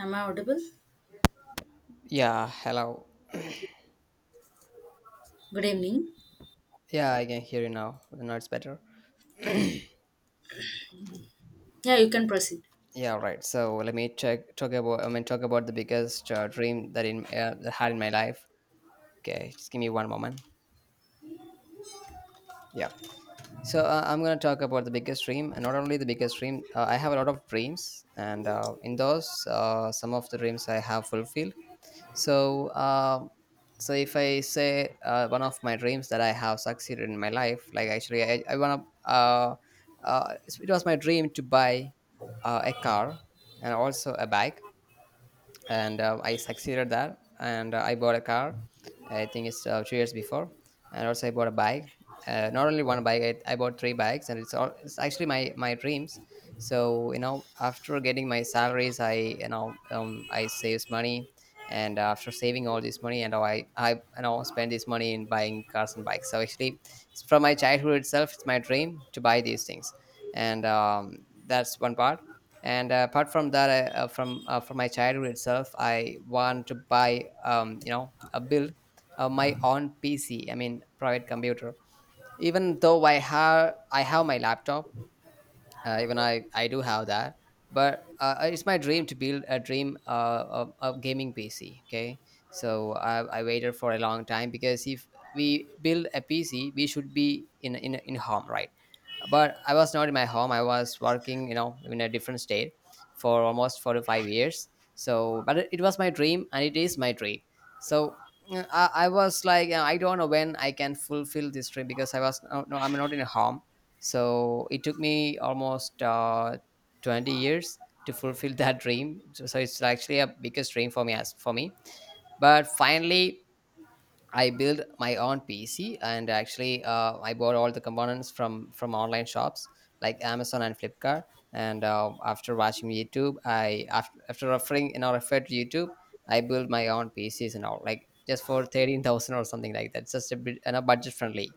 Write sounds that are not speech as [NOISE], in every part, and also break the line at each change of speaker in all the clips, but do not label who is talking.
Am I audible?
Yeah, hello.
Good evening.
Yeah, I can hear you now. Now it's better.
Yeah, you can proceed.
Yeah, right. So let me check talk about I mean talk about the biggest dream that in that I had in my life. Okay, just give me one moment. Yeah. So I'm gonna talk about the biggest dream, and not only the biggest dream. I have a lot of dreams, and in those, some of the dreams I have fulfilled, So, uh, so if I say one of my dreams that I have succeeded in my life, like actually, I wanna, uh, it was my dream to buy a car and also a bike, and I succeeded there. And I bought a car. I think it's 2 years before, and also I bought a bike. Not only one bike, I bought three bikes, and it's actually my dreams. So you know, after getting my salaries, I you know I saves money, and after saving all this money, and I you know spend this money in buying cars and bikes. So actually, it's from my childhood itself, it's my dream to buy these things, and that's one part, and apart from that I, from my childhood itself I want to buy you know a build my own PC, I mean private computer. Even though I have my laptop, even I do have that, but it's my dream to build a gaming PC. Okay. So I waited for a long time, because if we build a PC we should be in home, right? But I was not in my home. I was working, you know, in a different state for almost 4 to 5 years. So but it was my dream and it is my dream. So I was like, you I don't know when I can fulfill this dream, because I was no, no I'm not in a home. So it took me almost 20 years to fulfill [LAUGHS] that dream. So so it's actually a biggest dream for me. But finally I built my own PC, and actually I bought all the components from online shops like Amazon and Flipkart. And after watching YouTube, I after, after referring, you know, referred to YouTube, I built my own PCs and all, like just for 13,000 or something like that, just a bit, you know, budget friendly.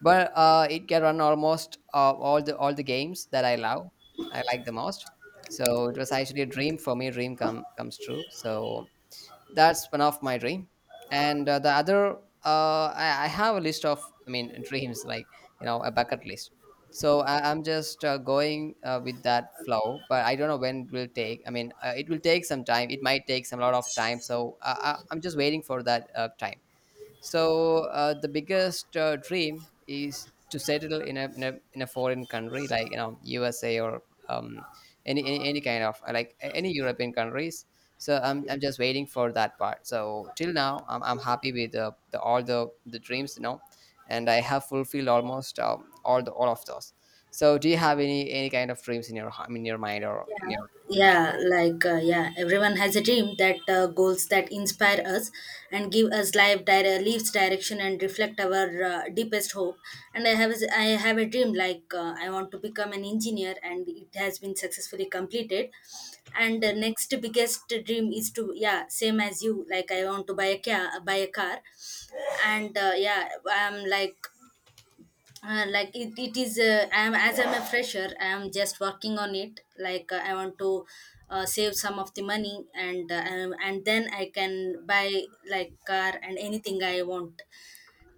But it can run almost all the games that I love. I like the most. So it was actually a dream for me. Dream come comes true. So that's one of my dream. And the other, I have a list of, I mean, [LAUGHS] dreams like, you know, a bucket list. So I'm just going with that flow, but I don't know when it will take. I mean, it will take some time. It might take some lot of time. So I'm just waiting for that time. So the biggest dream is to settle in a foreign country, like, you know, USA or um, any kind of any European countries. So I'm just waiting for that part. So till now I'm happy with the all the dreams, you know, and I have fulfilled almost all of those. So do you have any kind of dreams in your in your mind or in
Yeah,
your life?
yeah, everyone has a dream, that goals that inspire us and give us life, leaves direction and reflect our deepest hope. And I have a dream like, I want to become an engineer, and it has been successfully completed. And the next biggest dream is to, yeah, same as you, like I want to buy a car, and yeah, I'm like it is, I'm a fresher, I am just working on it. Like I want to save some of the money and then I can buy like car and anything I want.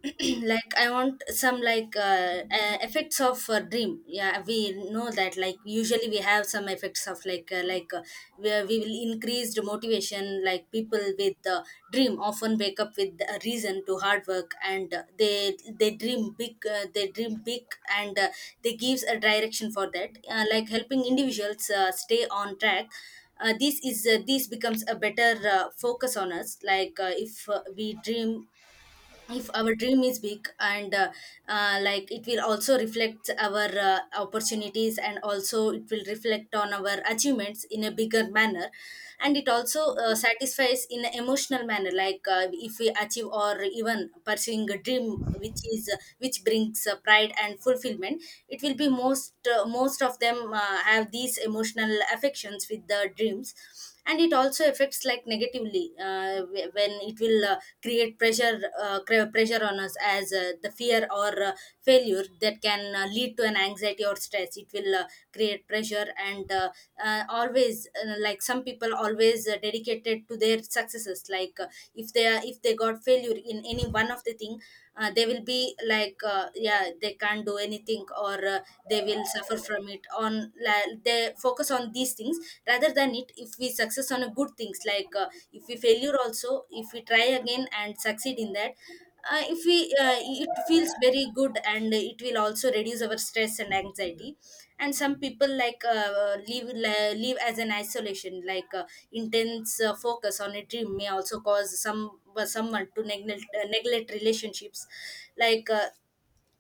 [CLEARS THROAT] Like I want some, like, effects of dream. Yeah, we know that, like usually we have some effects of, where we will increase the motivation. Like people with dream often wake up with a reason to hard work, and they dream big, they dream big. And they gives a direction for that, like helping individuals stay on track. This becomes a better focus on us. Like if our dream is big, and like it will also reflect our opportunities, and also it will reflect on our achievements in a bigger manner. And it also satisfies in an emotional manner. Like if we achieve or even pursuing a dream which is which brings pride and fulfillment, it will be most of them have these emotional affections with the dreams. And it also affects like negatively, when it will create pressure, pressure on us as the fear or failure that can lead to an anxiety or stress. It will create pressure. And always, like some people always dedicated to their successes. Like if they are if they got failure in any one of the thing, they will be like, yeah, they can't do anything, or they will suffer from it on. Like they focus on these things rather than it. If we success on a good things, like if we failure also, if we try again and succeed in that, if we it feels very good, and it will also reduce our stress and anxiety. And some people like live as an isolation. Like intense focus on a dream may also cause some someone to neglect relationships. Like uh,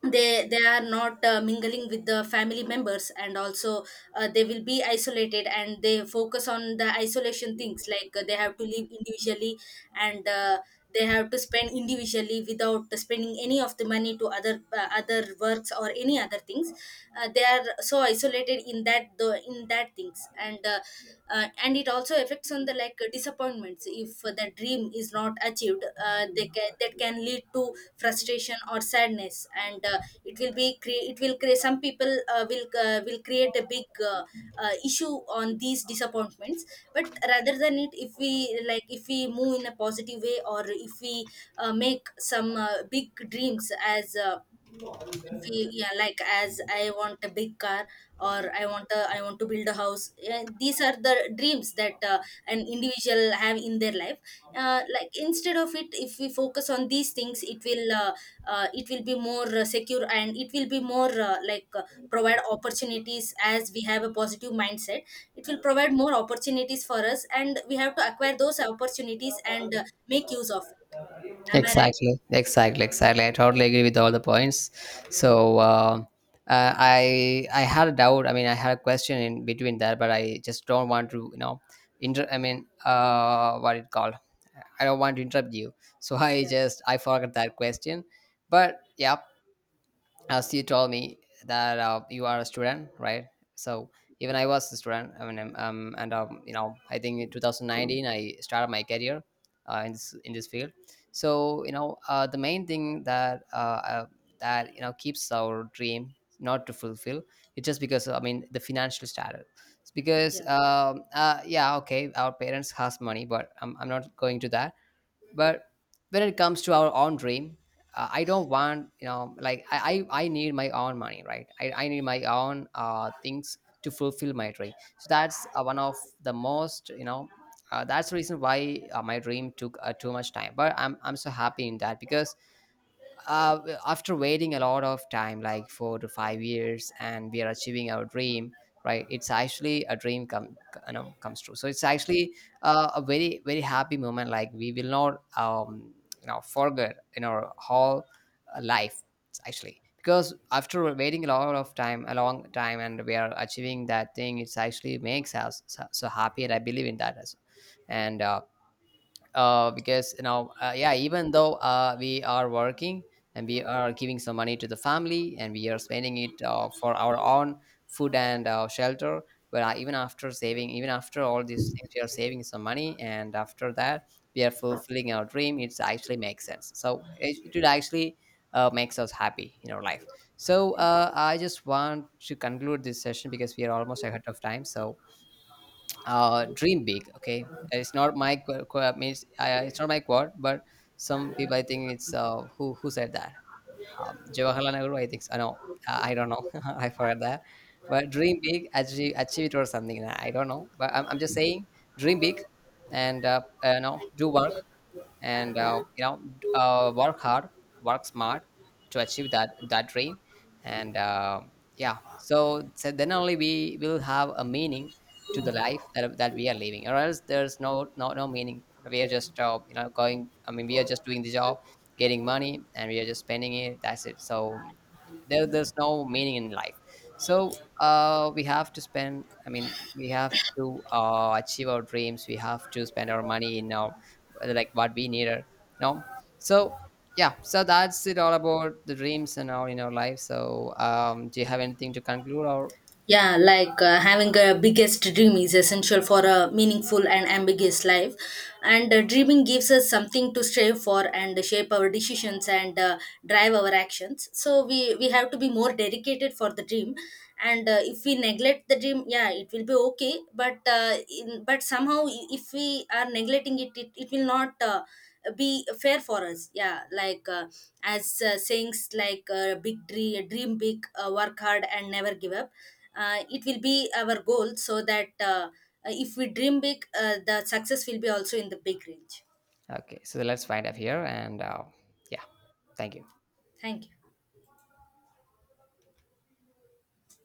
they they are not mingling with the family members, and also they will be isolated and they focus on the isolation things. Like they have to live individually, and they have to spend individually without spending any of the money to other works or any other things. They are so isolated in that the in that things. And and it also affects on the, like, disappointments. If the dream is not achieved, that can lead to frustration or sadness. And it will be it will create, some people will create a big issue on these disappointments. But rather than it, if we like, if we move in a positive way, or if we make some big dreams, as feel, yeah, like as I want a big car, or I want to build a house. Yeah, these are the dreams that an individual have in their life. Like instead of it, if we focus on these things, it will be more secure, and it will be more, provide opportunities. As we have a positive mindset, it will provide more opportunities for us, and we have to acquire those opportunities and make use of it. Am I right?
Exactly, exactly, exactly. I totally agree with all the points. So I had a doubt. I mean, I had a question in between that, but I just don't want to, you know, inter. I mean, what it called? I don't want to interrupt you. So [LAUGHS]
Yeah,
I forgot that question. But yeah, as you told me that you are a student, right? So even I was a student, I mean, and you know, I think in 2019 I started my career in this field. So you know, the main thing that uh, that, you know, keeps our dream not to fulfill. It's just because, I mean, the financial status. It's because
yeah.
yeah, okay, our parents has money, but I'm not going to that. But when it comes to our own dream, I don't want, you know, like, I, I need my own money, right? I need my own things to fulfill my dream. So that's one of the most, you know, that's the reason why my dream took too much time. But I'm so happy in that, because uh, after waiting a lot of time, like 4 to 5 years, and we are achieving our dream, right? It's actually a dream come you know, comes true. So it's actually a very, very happy moment, like we will not you know forget in our whole life, actually. Because after waiting a lot of time, a long time, and we are achieving that thing, it's actually makes us so, so happy, and I believe in that. As and Because, you know, yeah, even though we are working and we are giving some money to the family, and we are spending it for our own food and shelter. But even after saving, even after all these things, we are saving some money, and after that we are fulfilling our dream. It actually makes sense. So it actually makes us happy in our life. So I just want to conclude this session because we are almost ahead of time. So dream big, okay? It's not my it's not my quote, but some people, I think it's who said that, Jawaharlal Nehru, I think so. No, I don't know, [LAUGHS] I forgot that. But dream big, achieve it or something, I don't know. But I'm just saying dream big. And no do one and you know, work hard, work smart to achieve that dream. And yeah. So, so then only we will have a meaning to the life that we are living, or else there's no meaning. We are just you know, going I mean we are just doing the job, getting money, and we are just spending it. That's it. So there's no meaning in life. So we have to spend, I mean, we have to achieve our dreams. We have to spend our money in our, like what we need, you know. So yeah, so that's it, all about the dreams and all in our life. So do you have anything to conclude? Or
Yeah, having a biggest dream is essential for a meaningful and ambiguous life. And dreaming gives us something to strive for and shape our decisions and drive our actions. So we have to be more dedicated for the dream. And if we neglect the dream, yeah, it will be okay. But but somehow, if we are neglecting it, it will not be fair for us. Yeah, like as sayings like dream big, work hard, and never give up. It will be our goal, so that if we dream big, the success will be also in the big range.
okay, so let's find up here. And yeah, thank you.
Thank you.